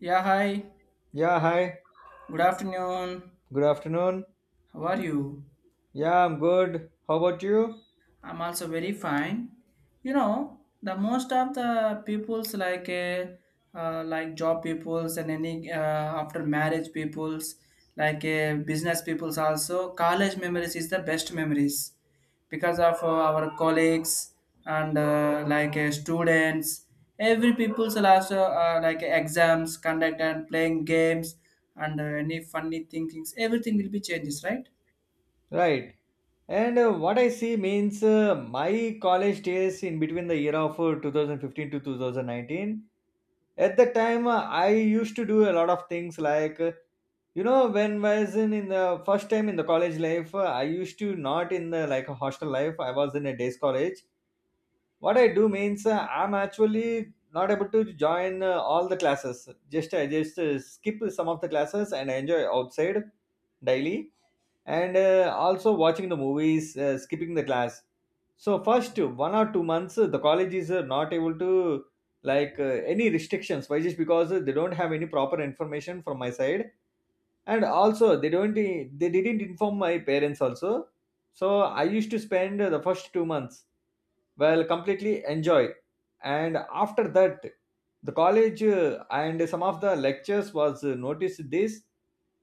Yeah, hi. Yeah, hi. Good afternoon. Good afternoon. How are you? Yeah, I'm good. How about you? I'm also very fine. You know, the most of the peoples like job peoples and any after marriage peoples like business peoples also college memories is the best memories because of our colleagues and students every people's last like exams conduct and playing games and any funny thinkings everything will be changes, right? Right. And what I see means my college days in between the year of 2015 to 2019. At that time, I used to do a lot of things like, you know, when I was in the first time in the college life, I used to not in the like a hostel life. I was in a day's college. What I do means I'm actually not able to join all the classes. Just i just uh, skip some of the classes and enjoy outside daily. And also watching the movies, skipping the class. So first 1 or 2 months the college is not able to like any restrictions, why? Just because they don't have any proper information from my side, and also they don't they didn't inform my parents also. So I used to spend the first 2 months well completely enjoy. And after that the college and some of the lectures was noticed this,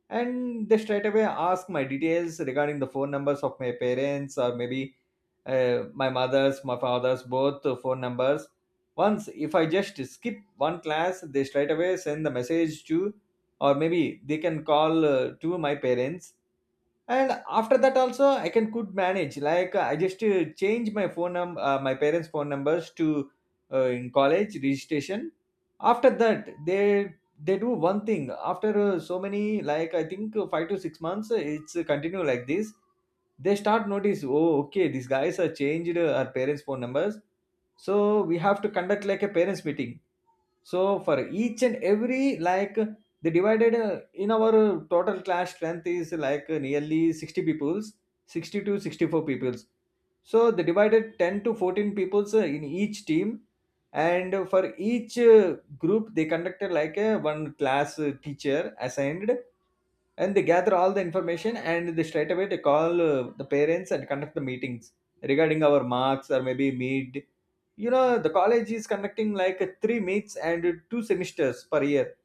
and they straight away asked my details regarding the phone numbers of my parents, or maybe my mother's, my father's both phone numbers. Once if I just skip one class they straight away send the message to, or maybe they can call to my parents. And after that also, I can could manage. Like I just change my phone num my parents' phone numbers to in college registration. After that, they do one thing. After so many, like I think 5 to 6 months, it's continue like this. They start notice. Oh, okay, these guys are changed our parents' phone numbers. So we have to conduct like a parents' meeting. So for each and every like, they divided in our total class strength is like nearly 60 peoples, 60 to 64 peoples. So they divided 10 to 14 peoples in each team, and for each group they conducted like a one class teacher assigned, and they gather all the information and they straight away they call the parents and conduct the meetings regarding our marks, or maybe mid. You know the college is conducting like 3 meets and 2 semesters per year.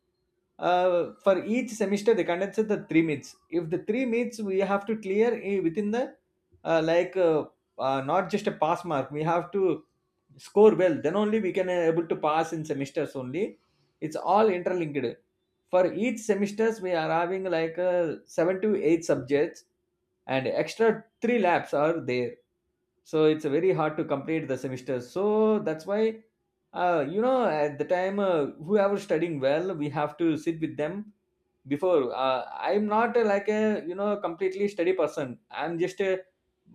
For each semester they conduct the 3 meets. If the three meets we have to clear, within the uh, like uh, not just a pass mark, we have to score well, then only we can able to pass in semesters only. It's all interlinked. For each semesters we are having like 7 to 8 subjects, and extra 3 labs are there. So it's very hard to complete the semester, so that's why you know at the time whoever studying well we have to sit with them before. I'm not like a you know completely study person. I'm just a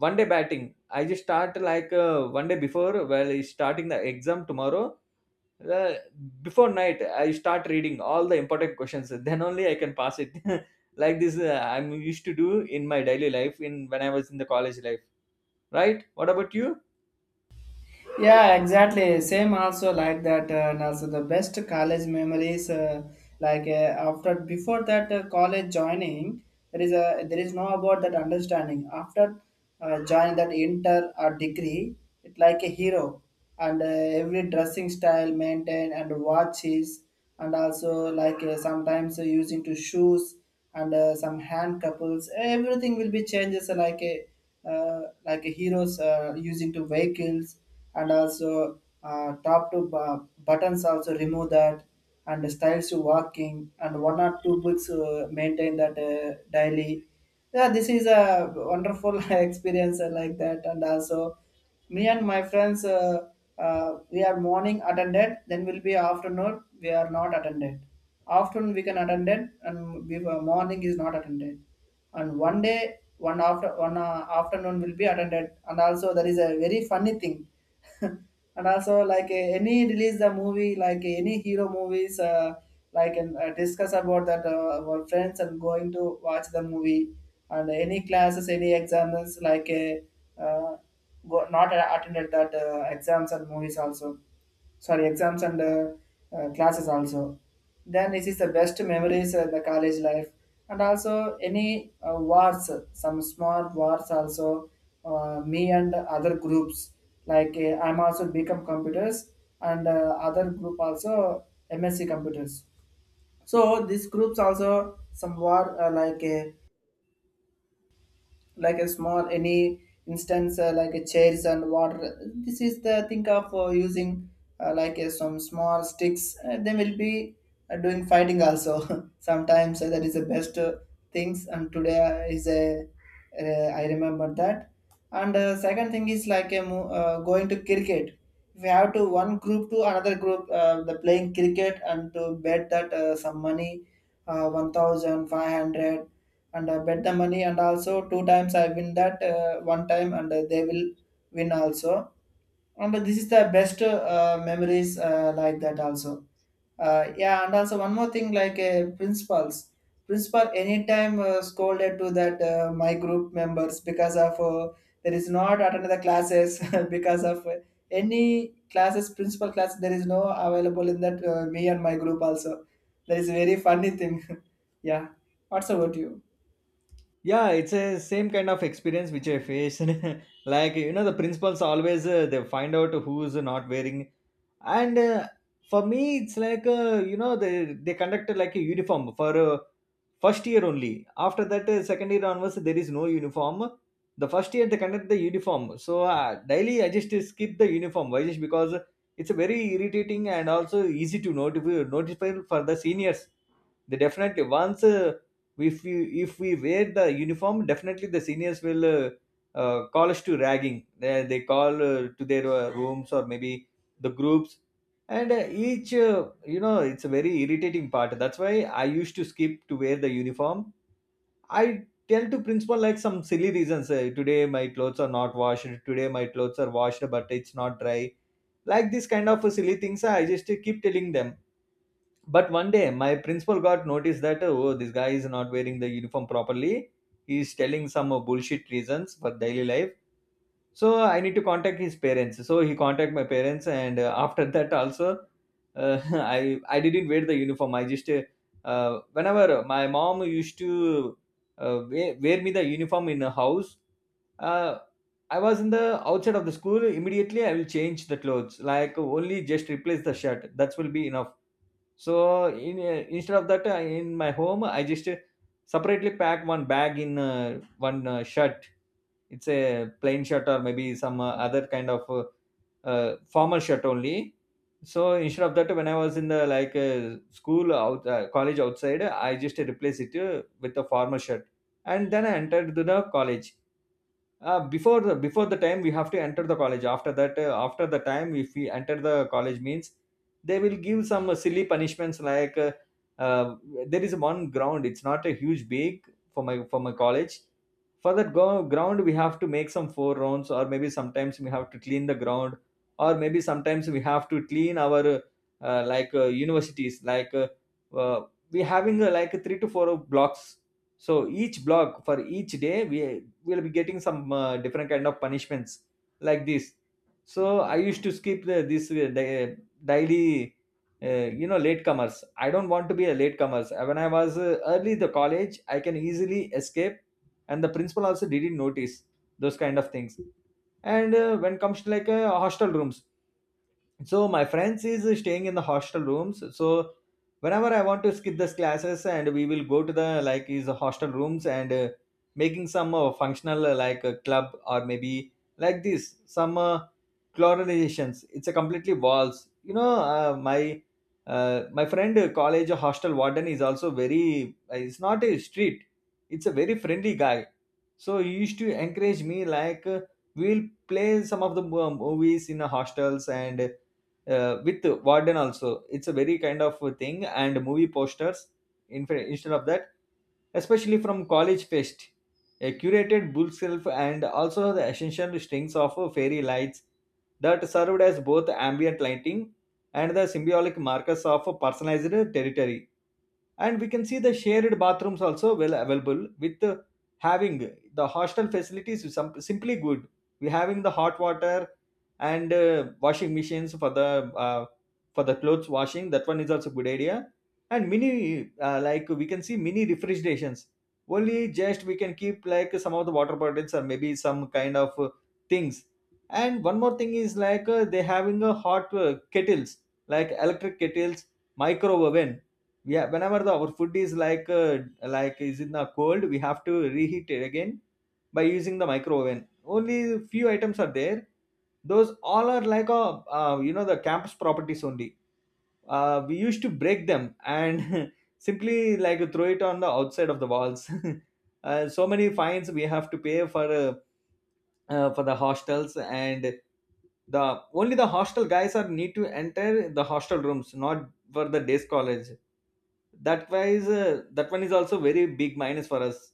one day batting. I just start like one day before, well it's starting the exam tomorrow. uh, Before night I start reading all the important questions, then only I can pass it. Like this I'm used to do in my daily life in when I was in the college life. Right, what about you? Yeah, exactly. Same also like that. And also the best college memories, after before that college joining, there is a there is no about that understanding. After joining that inter or degree, it like a hero, and every dressing style maintained and watches, and also like sometimes using to shoes and some hand couples everything will be changes like a heroes using to vehicles and also top to buttons also remove that and the styles to walking and one or two books maintain that daily. Yeah, this is a wonderful experience like that. And also me and my friends we are morning attended then will be afternoon we are not attended afternoon we can attend it and we, morning is not attended and one day one after one afternoon will be attended and also there is a very funny thing and also like eh, any release the movie like eh, any hero movies like and discuss about that our friends and going to watch the movie and any classes any exams like go, not attended that exams and movies also, sorry, exams and classes also. Then this is the best memories of the college life. And also any wars, some small wars also, me and other groups, like I'm also become computers and other group also MSC computers. So these groups also some war like a small any instance like a chairs and water, this is the think of using some small sticks they will be doing fighting also sometimes that is the best things and today is a I remember that. And second thing is like a going to cricket. If you have to one group to another group, the playing cricket and to bet that some money, 1500, and I bet the money and also two times I win that one time and they will win also. And this is the best memories like that also. Yeah, and also one more thing, like principals, principal anytime scolded to that my group members because of there is not attended the classes because of any classes principal class there is no available in that me and my group also. That is very funny thing. Yeah, what's about you? Yeah, it's a same kind of experience which I face. Like you know the principals always they find out who's not wearing. And for me it's like you know they conduct like a uniform for first year only. After that second year onwards there is no uniform. The first year they conduct the uniform, so daily I just skip the uniform. Why? Just because it's very irritating and also easy to notify for the seniors. They definitely once if we if we wear the uniform, definitely the seniors will call us to ragging. They call to their rooms, or maybe the groups. And each you know it's a very irritating part, that's why I used to skip to wear the uniform. I tell to principal like some silly reasons. Today my clothes are not washed, today my clothes are washed but it's not dry. Like this kind of silly things I just keep telling them. But one day my principal got notice that, oh, this guy is not wearing the uniform properly. He is telling some bullshit reasons for daily life. So I need to contact his parents, so he contact my parents. And after that also uh, I didn't wear the uniform. I just whenever my mom used to wear me the uniform in the house, uh, I was in the outside of the school, immediately I will change the clothes, like only just replace the shirt, that will be enough. So in instead of that, in my home, I just separately pack one bag in one shirt. It's a plain shirt or maybe some other kind of formal shirt only. So instead of that, when I was in the like school out college outside, I just replace it with a formal shirt, and then I entered to the college. Before the, before the time we have to enter the college. After that after the time if we enter the college means they will give some silly punishments like uh, there is one ground, it's not a huge big for my, for my college. For that ground we have to make some 4 rounds, or maybe sometimes we have to clean the ground, or maybe sometimes we have to clean our like universities like uh, we having like 3 to 4 blocks. So each block for each day we we'll be getting some different kind of punishments like this. So I used to skip this daily. You know, latecomers, I don't want to be a latecomers. When I was early the college I can easily escape, and the principal also didn't notice those kind of things. And when comes to like hostel rooms, so my friends is staying in the hostel rooms. So whenever I want to skip this classes and we will go to the like his hostel rooms, and making some functional like a club, or maybe like this some chlorinations, it's a completely walls. You know, my my friend college hostel warden is also very it's not a street, it's a very friendly guy. So he used to encourage me like we'll play some of the movies in the hostels, and with warden also it's a very kind of a thing. And movie posters, instead of that, especially from college fest, a curated bookshelf, and also the essential strings of fairy lights that served as both ambient lighting and the symbolic markers of personalized territory. And we can see the shared bathrooms also well available with having the hostel facilities is some, simply good. We having the hot water and washing machines uh, for the clothes washing, that one is also good idea. And mini like we can see mini refrigerations, only just we can keep like some of the water bottles, or maybe some kind of things. And one more thing is like they having a hot kettles, like electric kettles, micro oven. Yeah, whenever the our food is like is in the cold we have to reheat it again by using the micro oven. Only few items are there. Those all are like a you know the campus properties only. We used to break them and simply like throw it on the outside of the walls. So many fines we have to pay for the hostels. And the only the hostel guys are need to enter the hostel rooms, not for the days college. That wise that one is also very big minus for us.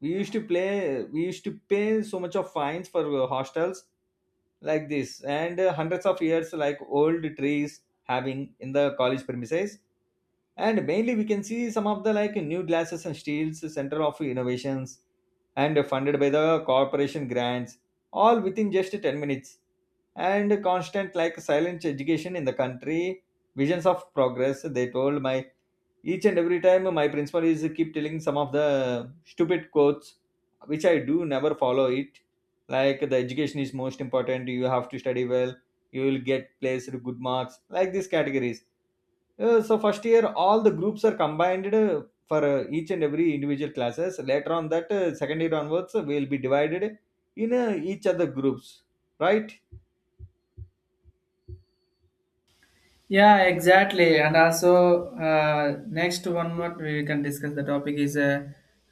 We used to pay so much of fines for hostels like this. And hundreds of years like old trees having in the college premises. And mainly we can see some of the like new glasses and steels center of innovations, and funded by the corporation grants, all within just 10 minutes, and constant like silent education in the country, visions of progress they told my. Each and every time my principal is keep telling some of the stupid quotes which I do never follow it, like the education is most important, you have to study well, you will get placed good marks, like These categories. So first year all the groups are combined, for each and every individual classes. Later on that, second year onwards, will be divided in, each other groups, right? Yeah, exactly. And also, next one, what we can discuss the topic is uh,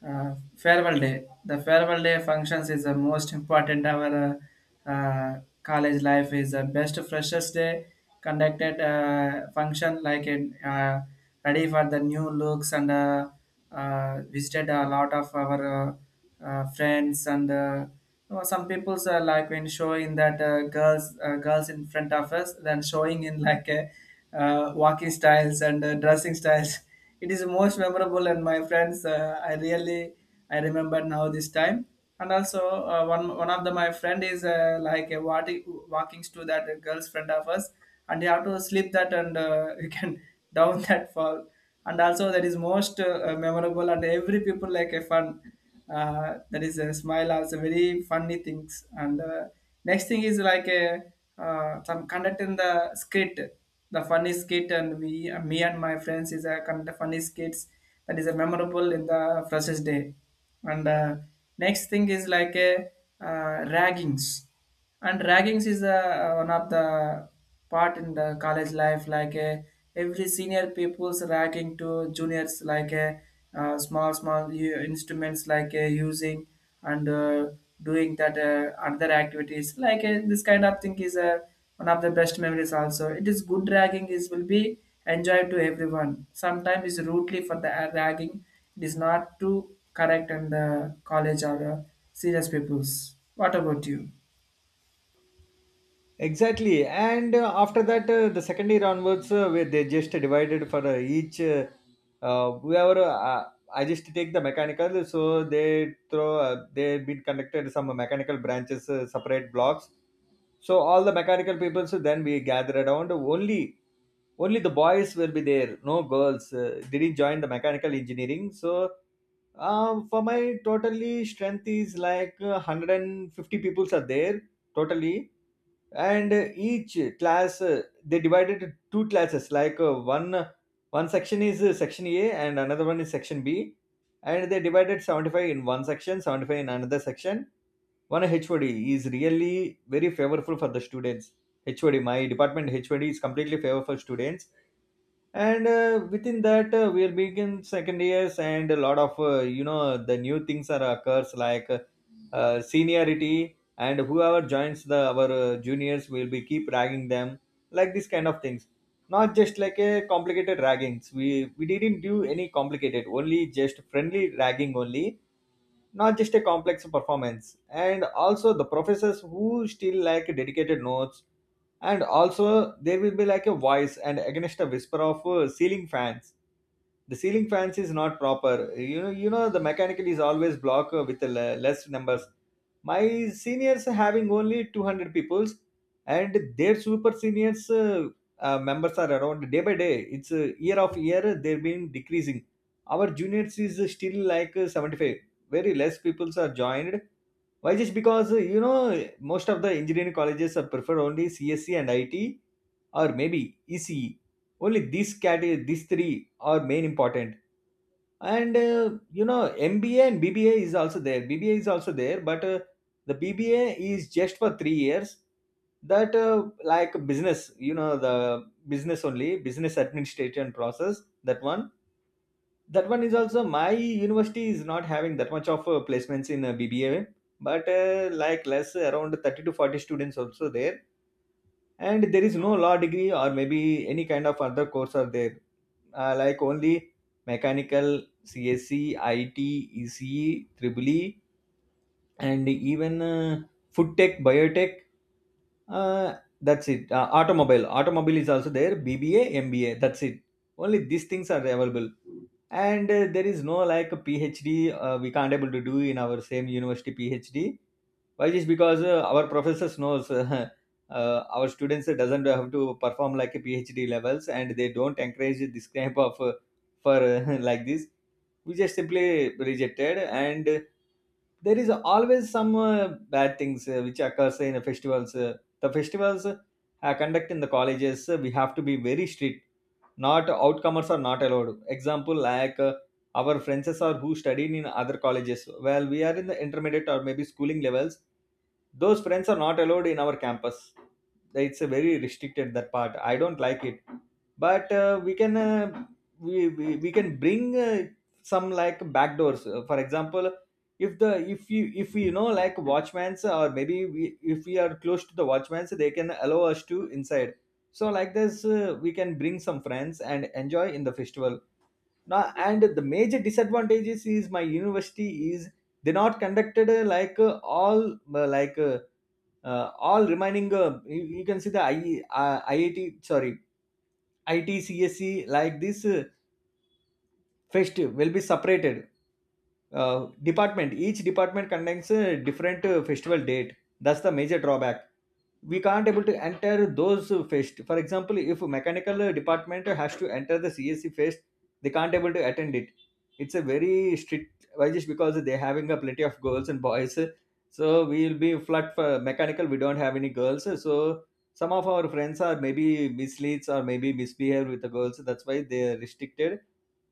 uh, farewell day. The farewell day functions is the most important. Our college life is the best. Freshers day conducted function like in ready for the new looks and visited a lot of our. Friends and you know, some people's like when showing that girls in front of us then showing in like walking styles and dressing styles. It is most memorable and my friends, I really I remember now this time. And also one of the my friend is like a walking to that girl's friend of us, and you have to slip that, and you can down that fall. And also that is most memorable and every people like a fun, that is a smile also very funny things. And next thing is like a some conduct in the skit, the funny skit, and we me and my friends is a kind of funny skits. That is a memorable in the freshest day. And next thing is like a raggings. And raggings is the one of the part in the college life, like every senior people's ragging to juniors, like small small instruments like using and doing that other activities, like this kind of thing is one of the best memories also. It is good. Ragging is will be enjoyed to everyone. Sometimes is rudely for the ragging. It is not too correct in the college or serious peoples. What about you? Exactly. And after that, the second year onwards, where they just divided for, each whoever I just take the mechanical, so they throw they've been connected some mechanical branches, separate blocks. So all the mechanical people, so then we gathered around. Only the boys will be there. No girls didn't join the mechanical engineering. So for my totally strength is like, 150 peoples are there totally, and each class, they divided into two classes. Like, uh, one section is, section A, and another one is section B, and they divided 75 in one section, 75 in another section. One hod is really very favorable for the students. Hod, my department hod is completely favorable for students. And within that, we are begin second years, and a lot of, uh, the new things are occurs, like, seniority. And whoever joins the our, juniors will be keep ragging them, like this kind of things. Not just like a complicated raggings, we didn't do any complicated, only just friendly ragging only. Not just a complex performance. And also the professors who still like dedicated notes. And also there will be like a voice and against a whisper of ceiling fans. The ceiling fans is not proper, you know, the mechanical is always blocked with less numbers. My seniors having only 200 peoples, and their super seniors, members are around, day by day, it's, year of year they've been decreasing. Our juniors is still like, 75. Very less people are joined. Why? Just because, uh, most of the engineering colleges are prefer only csc and it, or maybe ece. Only these category, these three are main important. And uh, you know mba and bba is also there. Bba is also there, but the bba is just for 3 years. That, like business, you know the business, only business administration process, that one. That one is also, my university is not having that much of placements in, BBA, but like less around 30 to 40 students also there. And there is no law degree or maybe any kind of other course are there. Uh, like only mechanical, CSC, IT, ECE, Triple E, and even, food tech, biotech, uh, that's it. Uh, automobile is also there, bba, mba, that's it. Only these things are available. And there is no like a phd. Uh, we can't able to do in our same university phd. Why is because, our professors knows, our students doesn't have to perform like a phd levels, and they don't encourage this kind of, for like this, we just simply rejected. And there is always some, bad things, which occurs in the festivals. Uh, the festivals, are conducted in the colleges, we have to be very strict. Not outcomers are not allowed. Example, like, our friends are who studied in other colleges, well we are in the intermediate or maybe schooling levels, those friends are not allowed in our campus. It's a very restricted, that part I don't like it. But uh, we can bring, some like backdoors. For example, if the, if you, if we, you know, like watchmans, or maybe we, if we are close to the watchmans, they can allow us to inside. So like this, we can bring some friends and enjoy in the festival now. And the major disadvantages is my university is they not conducted, uh, like uh, all remaining, uh, you can see the I, iit sorry it csc, like this, fest will be separated. Uh, department each department conducts a different, festival date. That's the major drawback. We can't able to enter those, fest. For example, if a mechanical, department has to enter the csc fest, they can't able to attend it. It's a very strict. Why? Just because they're having a plenty of girls and boys. So we will be flat for mechanical, we don't have any girls. So some of our friends are maybe misleads or maybe misbehave with the girls, that's why they're restricted.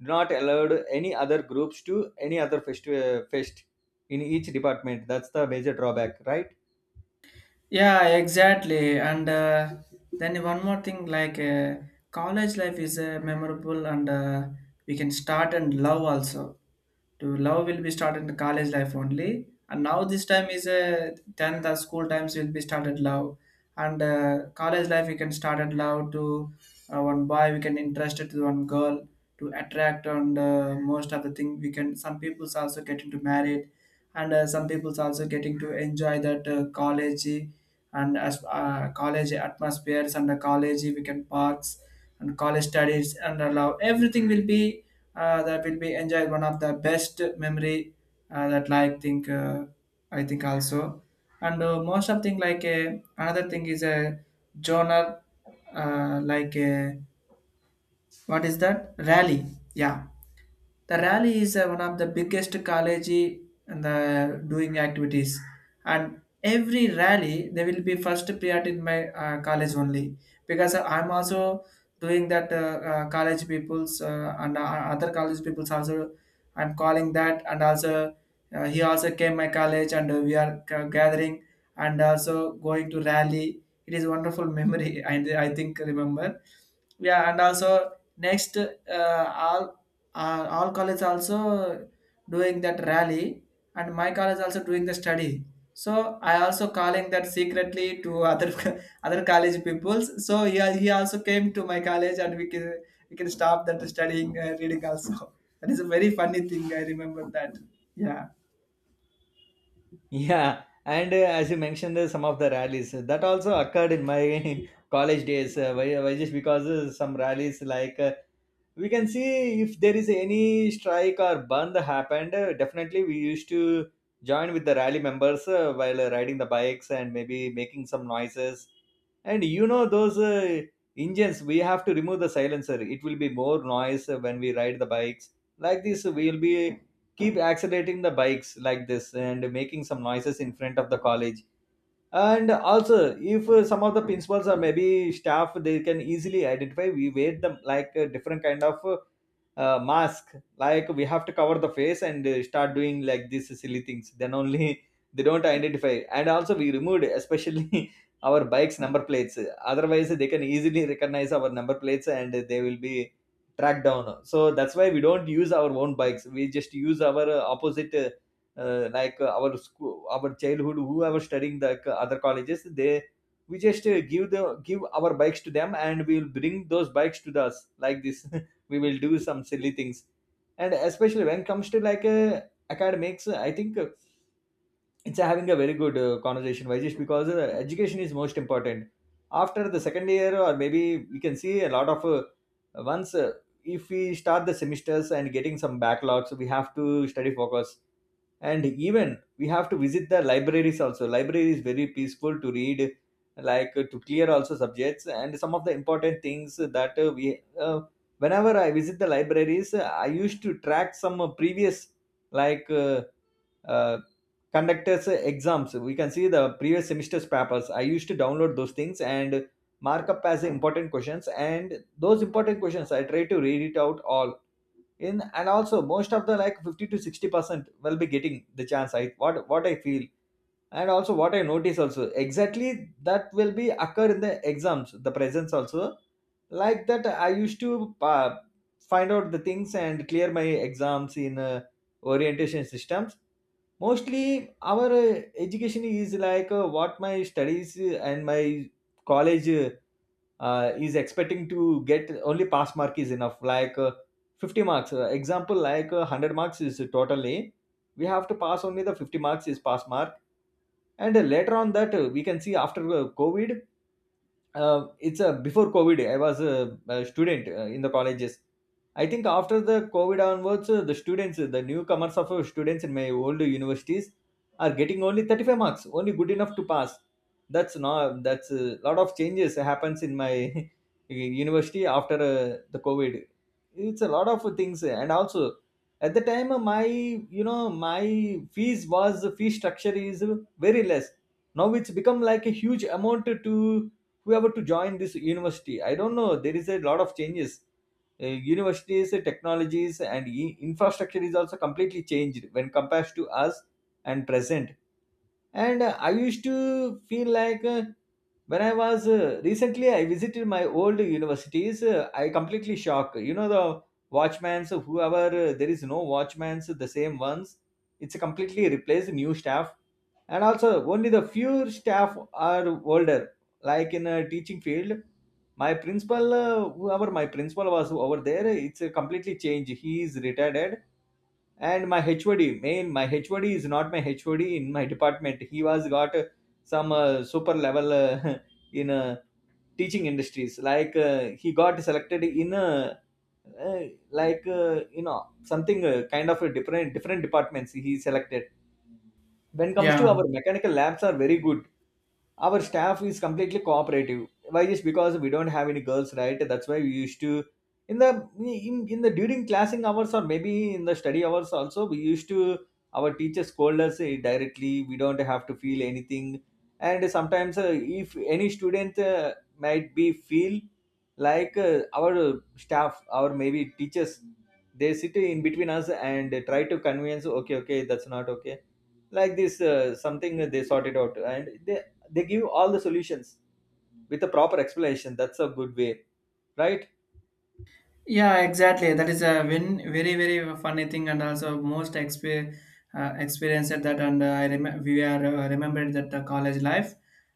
Not allowed any other groups to any other fest in each department. That's the major drawback, right? Yeah, exactly. And then one more thing, like college life is memorable, and we can start and love also. To love will be started in the college life only, and now this time is then the school times will be started love, and college life we can start and love to one boy, we can interested to one girl to attract, and most of the thing we can. Some people's also getting to married, and some people's also getting to enjoy that college and as college atmospheres and the college weekend parks and college studies and allow everything will be that will be enjoyed one of the best memory that like think, I think also. And most of thing like a another thing is a journal, like a, what is that, rally. Yeah, the rally is one of the biggest college and the doing activities. And every rally, they will be first priority in my college only because I'm also doing that college people's and other college people's also. I'm calling that and also he also came my college and we are gathering and also going to rally. It is wonderful memory. And I think remember. Yeah, and also next all all college also doing that rally and my college also doing the study, so I also calling that secretly to other other college peoples, so he, he also came to my college and we can stop that studying reading also. That is a very funny thing, I remember that. Yeah. Yeah. And as you mentioned, some of the rallies, that also occurred in my college days. Uh, why just because, some rallies like, we can see, if there is any strike or band happened, definitely we used to join with the rally members, while riding the bikes and maybe making some noises. And you know those, engines, we have to remove the silencer, it will be more noise, when we ride the bikes. Like this, we will be keep accelerating the bikes like this and making some noises in front of the college. And also if, some of the principals or maybe staff, they can easily identify, we wear them like a different kind of, mask, like we have to cover the face and start doing like these silly things. Then only they don't identify. And also we removed, especially, our bikes number plates. Otherwise they can easily recognize our number plates, and they will be tracked down. So that's why we don't use our own bikes, we just use our, opposite like our school, our childhood, whoever studying the, other colleges. They, we just give our bikes to them, and we'll bring those bikes to us like this. We will do some silly things. And especially when it comes to like, academics, I think, it's having a very good, conversation, just because, education is most important. After the second year, or maybe we can see a lot of, once, if we start the semesters and getting some backlogs, we have to study focus. And even we have to visit the libraries also. Library is very peaceful to read, like, to clear also subjects, and some of the important things that, we whenever I visit the libraries, I used to track some, previous, like uh, uh, conductors, exams. We can see the previous semester's papers, I used to download those things and mark up as important questions, and those important questions I try to read it out all in. And also most of the like 50 to 60% will be getting the chance, I what I feel. And also what I notice also, exactly, that will be occur in the exams, the presence also. Like that, I used to, find out the things and clear my exams in, orientation systems. Mostly our, education is like, what my studies and my college, is expecting to get only pass mark is enough, like, 50 marks. Uh, example like, 100 marks is totally, we have to pass only, the 50 marks is pass mark. And later on that, we can see after, covid. Uh, it's a, before covid I was a student, in the colleges. I think after the covid onwards, the students, the newcomers of, students in my old universities are getting only 35 marks only, good enough to pass. That's not that's a lot of changes happens in my university after, the covid. It's a lot of things. And also, at the time, my you know my fees was, fee structure is very less. Now it's become like a huge amount to whoever to join this university. I don't know, there is a lot of changes. Uh, universities, technologies, and infrastructure is also completely changed when compared to us and present. And I used to feel like, when I was, recently I visited my old universities, I completely shocked, you know. The watchmans, whoever, there is no watchmans, the same ones. It's completely replaced new staff. And also only the few staff are older, like in a teaching field. My principal, whoever my principal was over there, it's a completely changed, he is retired. And my hod, main my hod is not my hod in my department. He was got, some, super level, in, teaching industries, like, he got selected in, uh, like You know something, kind of a different departments he selected. When comes to Yeah, our mechanical labs are very good. Our staff is completely cooperative. Why is because we don't have any girls, right? That's why we used to in the during classing hours or maybe in the study hours also we used to, our teachers scold us directly. We don't have to feel anything. And sometimes, if any student might be feel our staff, our maybe teachers, they sit in between us and try to convince. Okay, okay, that's not okay, like this, something they sort it out, and they give all the solutions with a proper explanation. That's a good way, right? yeah, exactly. That is a win, very, very funny thing, and also most experienced that. And we are remembered that college life,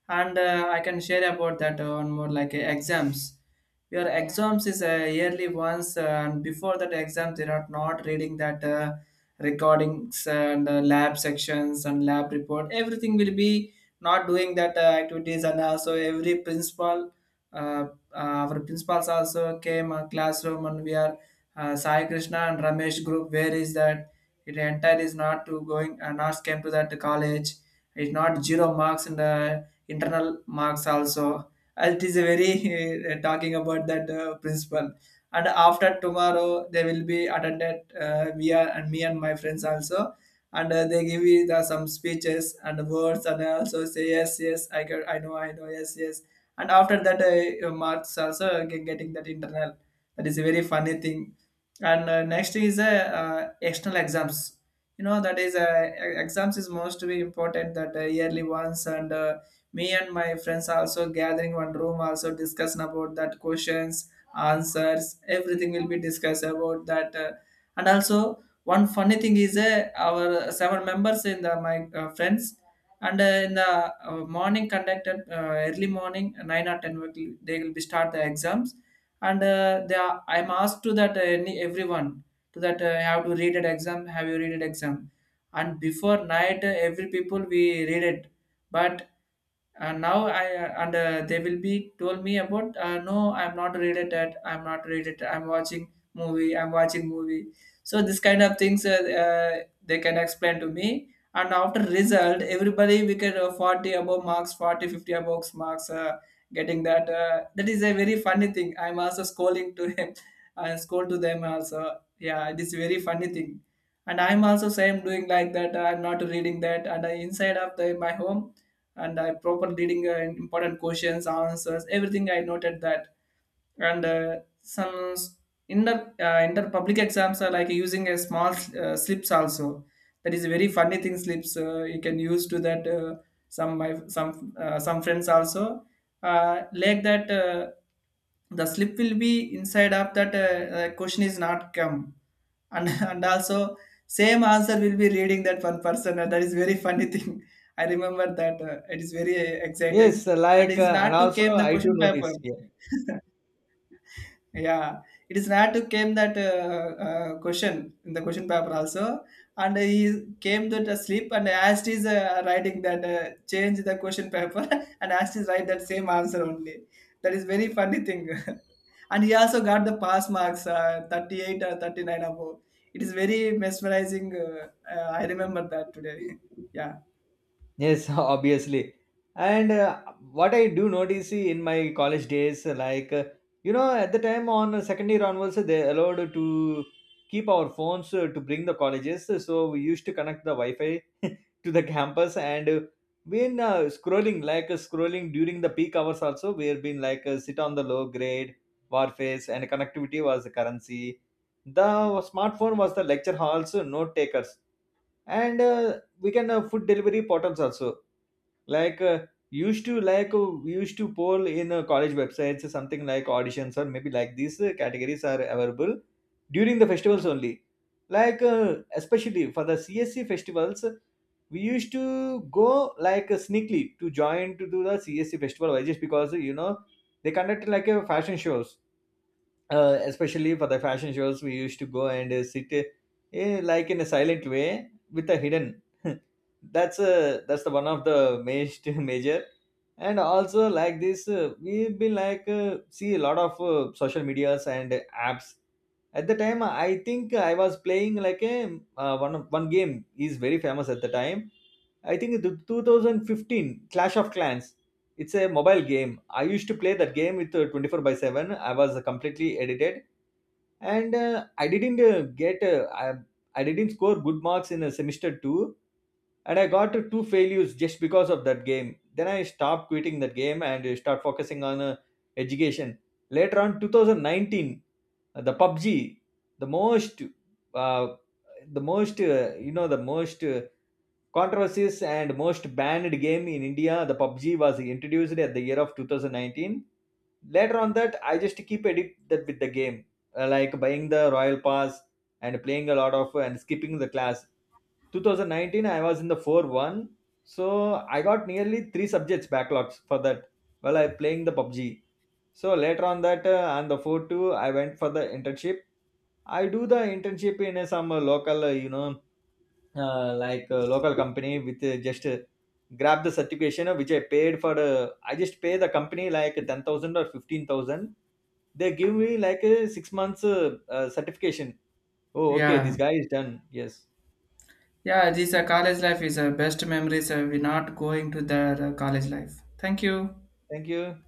and I can share about that one more like exams. Your Yeah. Exams is yearly once, and before that exam, they are not reading that recordings and lab sections and lab report. Everything will be not doing that activities, and also every principal. Uh, our principals also came a classroom and we are Sai Krishna and Ramesh group. Where is that? It entire is not to going, not came to that college. It's not zero marks in the internal marks also. It is a very talking about that principal. And after tomorrow, they will be attended, we are and me and my friends also, and they give you the, some speeches and words, and I also say yes yes I can, I know yes yes, and after that your marks also getting that internal. That is a very funny thing. And next is external exams. You know that is exams is most to be important that yearly ones, and me and my friends also gathering one room also discussing about that questions answers everything will be discussed about that and also one funny thing is our seven members in the my friends and in the morning conducted early morning 9 or 10 they will be start the exams. And they are, I'm asked to that everyone to that have to read an exam, have you read an exam. And before night every people we read it, but. And now I and they will be told me about no I'm not read it at, I'm not read it, I'm watching movie, I'm watching movie. So this kind of things uh, they can explain to me. And after result everybody we get 40 above marks, 40, fifty 50 above marks getting that that is a very funny thing. I'm also scrolling to him. I scroll to them also, yeah, it is very funny thing. And I'm also same doing like that, I'm not reading that, and I, inside of the my home, and I proper reading important questions answers, everything I noted that. And some s- in the in the public exams are like using a small slips also. That is a very funny thing, slips you can use to that some my some friends also like that the slip will be inside of that question is not come, and and also same answer will be reading that one person. And that is very funny thing. I remember that, it is very Yes, exciting. And it's and not to also came the I do question paper. notice, yeah. Yeah, it is not to came that question in the question paper also, and he came to sleep and asked his writing that change the question paper and asked his write that same answer only. That is very funny thing. And he also got the pass marks 38 or 39 above. It is very mesmerizing. I remember that today. Yeah. Yes, obviously. And what I do notice in my college days, like, you know, at the time on second year onwards, they allowed to keep our phones to bring the colleges. So we used to connect the Wi Fi to the campus and been scrolling, scrolling during the peak hours also. We've been sit on the low grade, warface, and connectivity was the currency. The smartphone was the lecture halls, note takers. And we can, food delivery portals also, like uh, used to like we used to poll in college websites something like auditions, or maybe like these categories are available during the festivals only, especially for the csc festivals. We used to go sneakily to join to do the csc festival, just because, you know, they conduct like a fashion shows. Especially for the fashion shows we used to go and sit, like in a silent way with a hidden That's the one of the major major. And also like this, we've been see a lot of social medias and apps. At the time I think I was playing like a, one game is very famous at the time. I think the 2015 clash of clans. It's a mobile game. I used to play that game with 24 by 7. I was completely addicted, and I didn't score good marks in semester 2, and I got two failures just because of that game. Then I stopped quitting that game and start focusing on education. Later on 2019, the pubg, the most uh, the most, the most controversies and most banned game in india, the pubg was introduced at the year of 2019. Later on that, I just keep addicted with the game. Like buying the royal pass and playing a lot of, and skipping the class. 2019 I was in the 4-1, so I got nearly three subjects backlogs for that while I playing the pubg. So later on that, on the 4-2 I went for the internship. I do the internship in some local, you know, like a local company with just grab the certification which I paid for. I just pay the company like 10,000 or 15,000. They give me like a 6 months certification. Oh, okay, this Yeah, guy is done. Yes, yeah. This college life is best memories. We're not going to the college life. Thank you. thank you.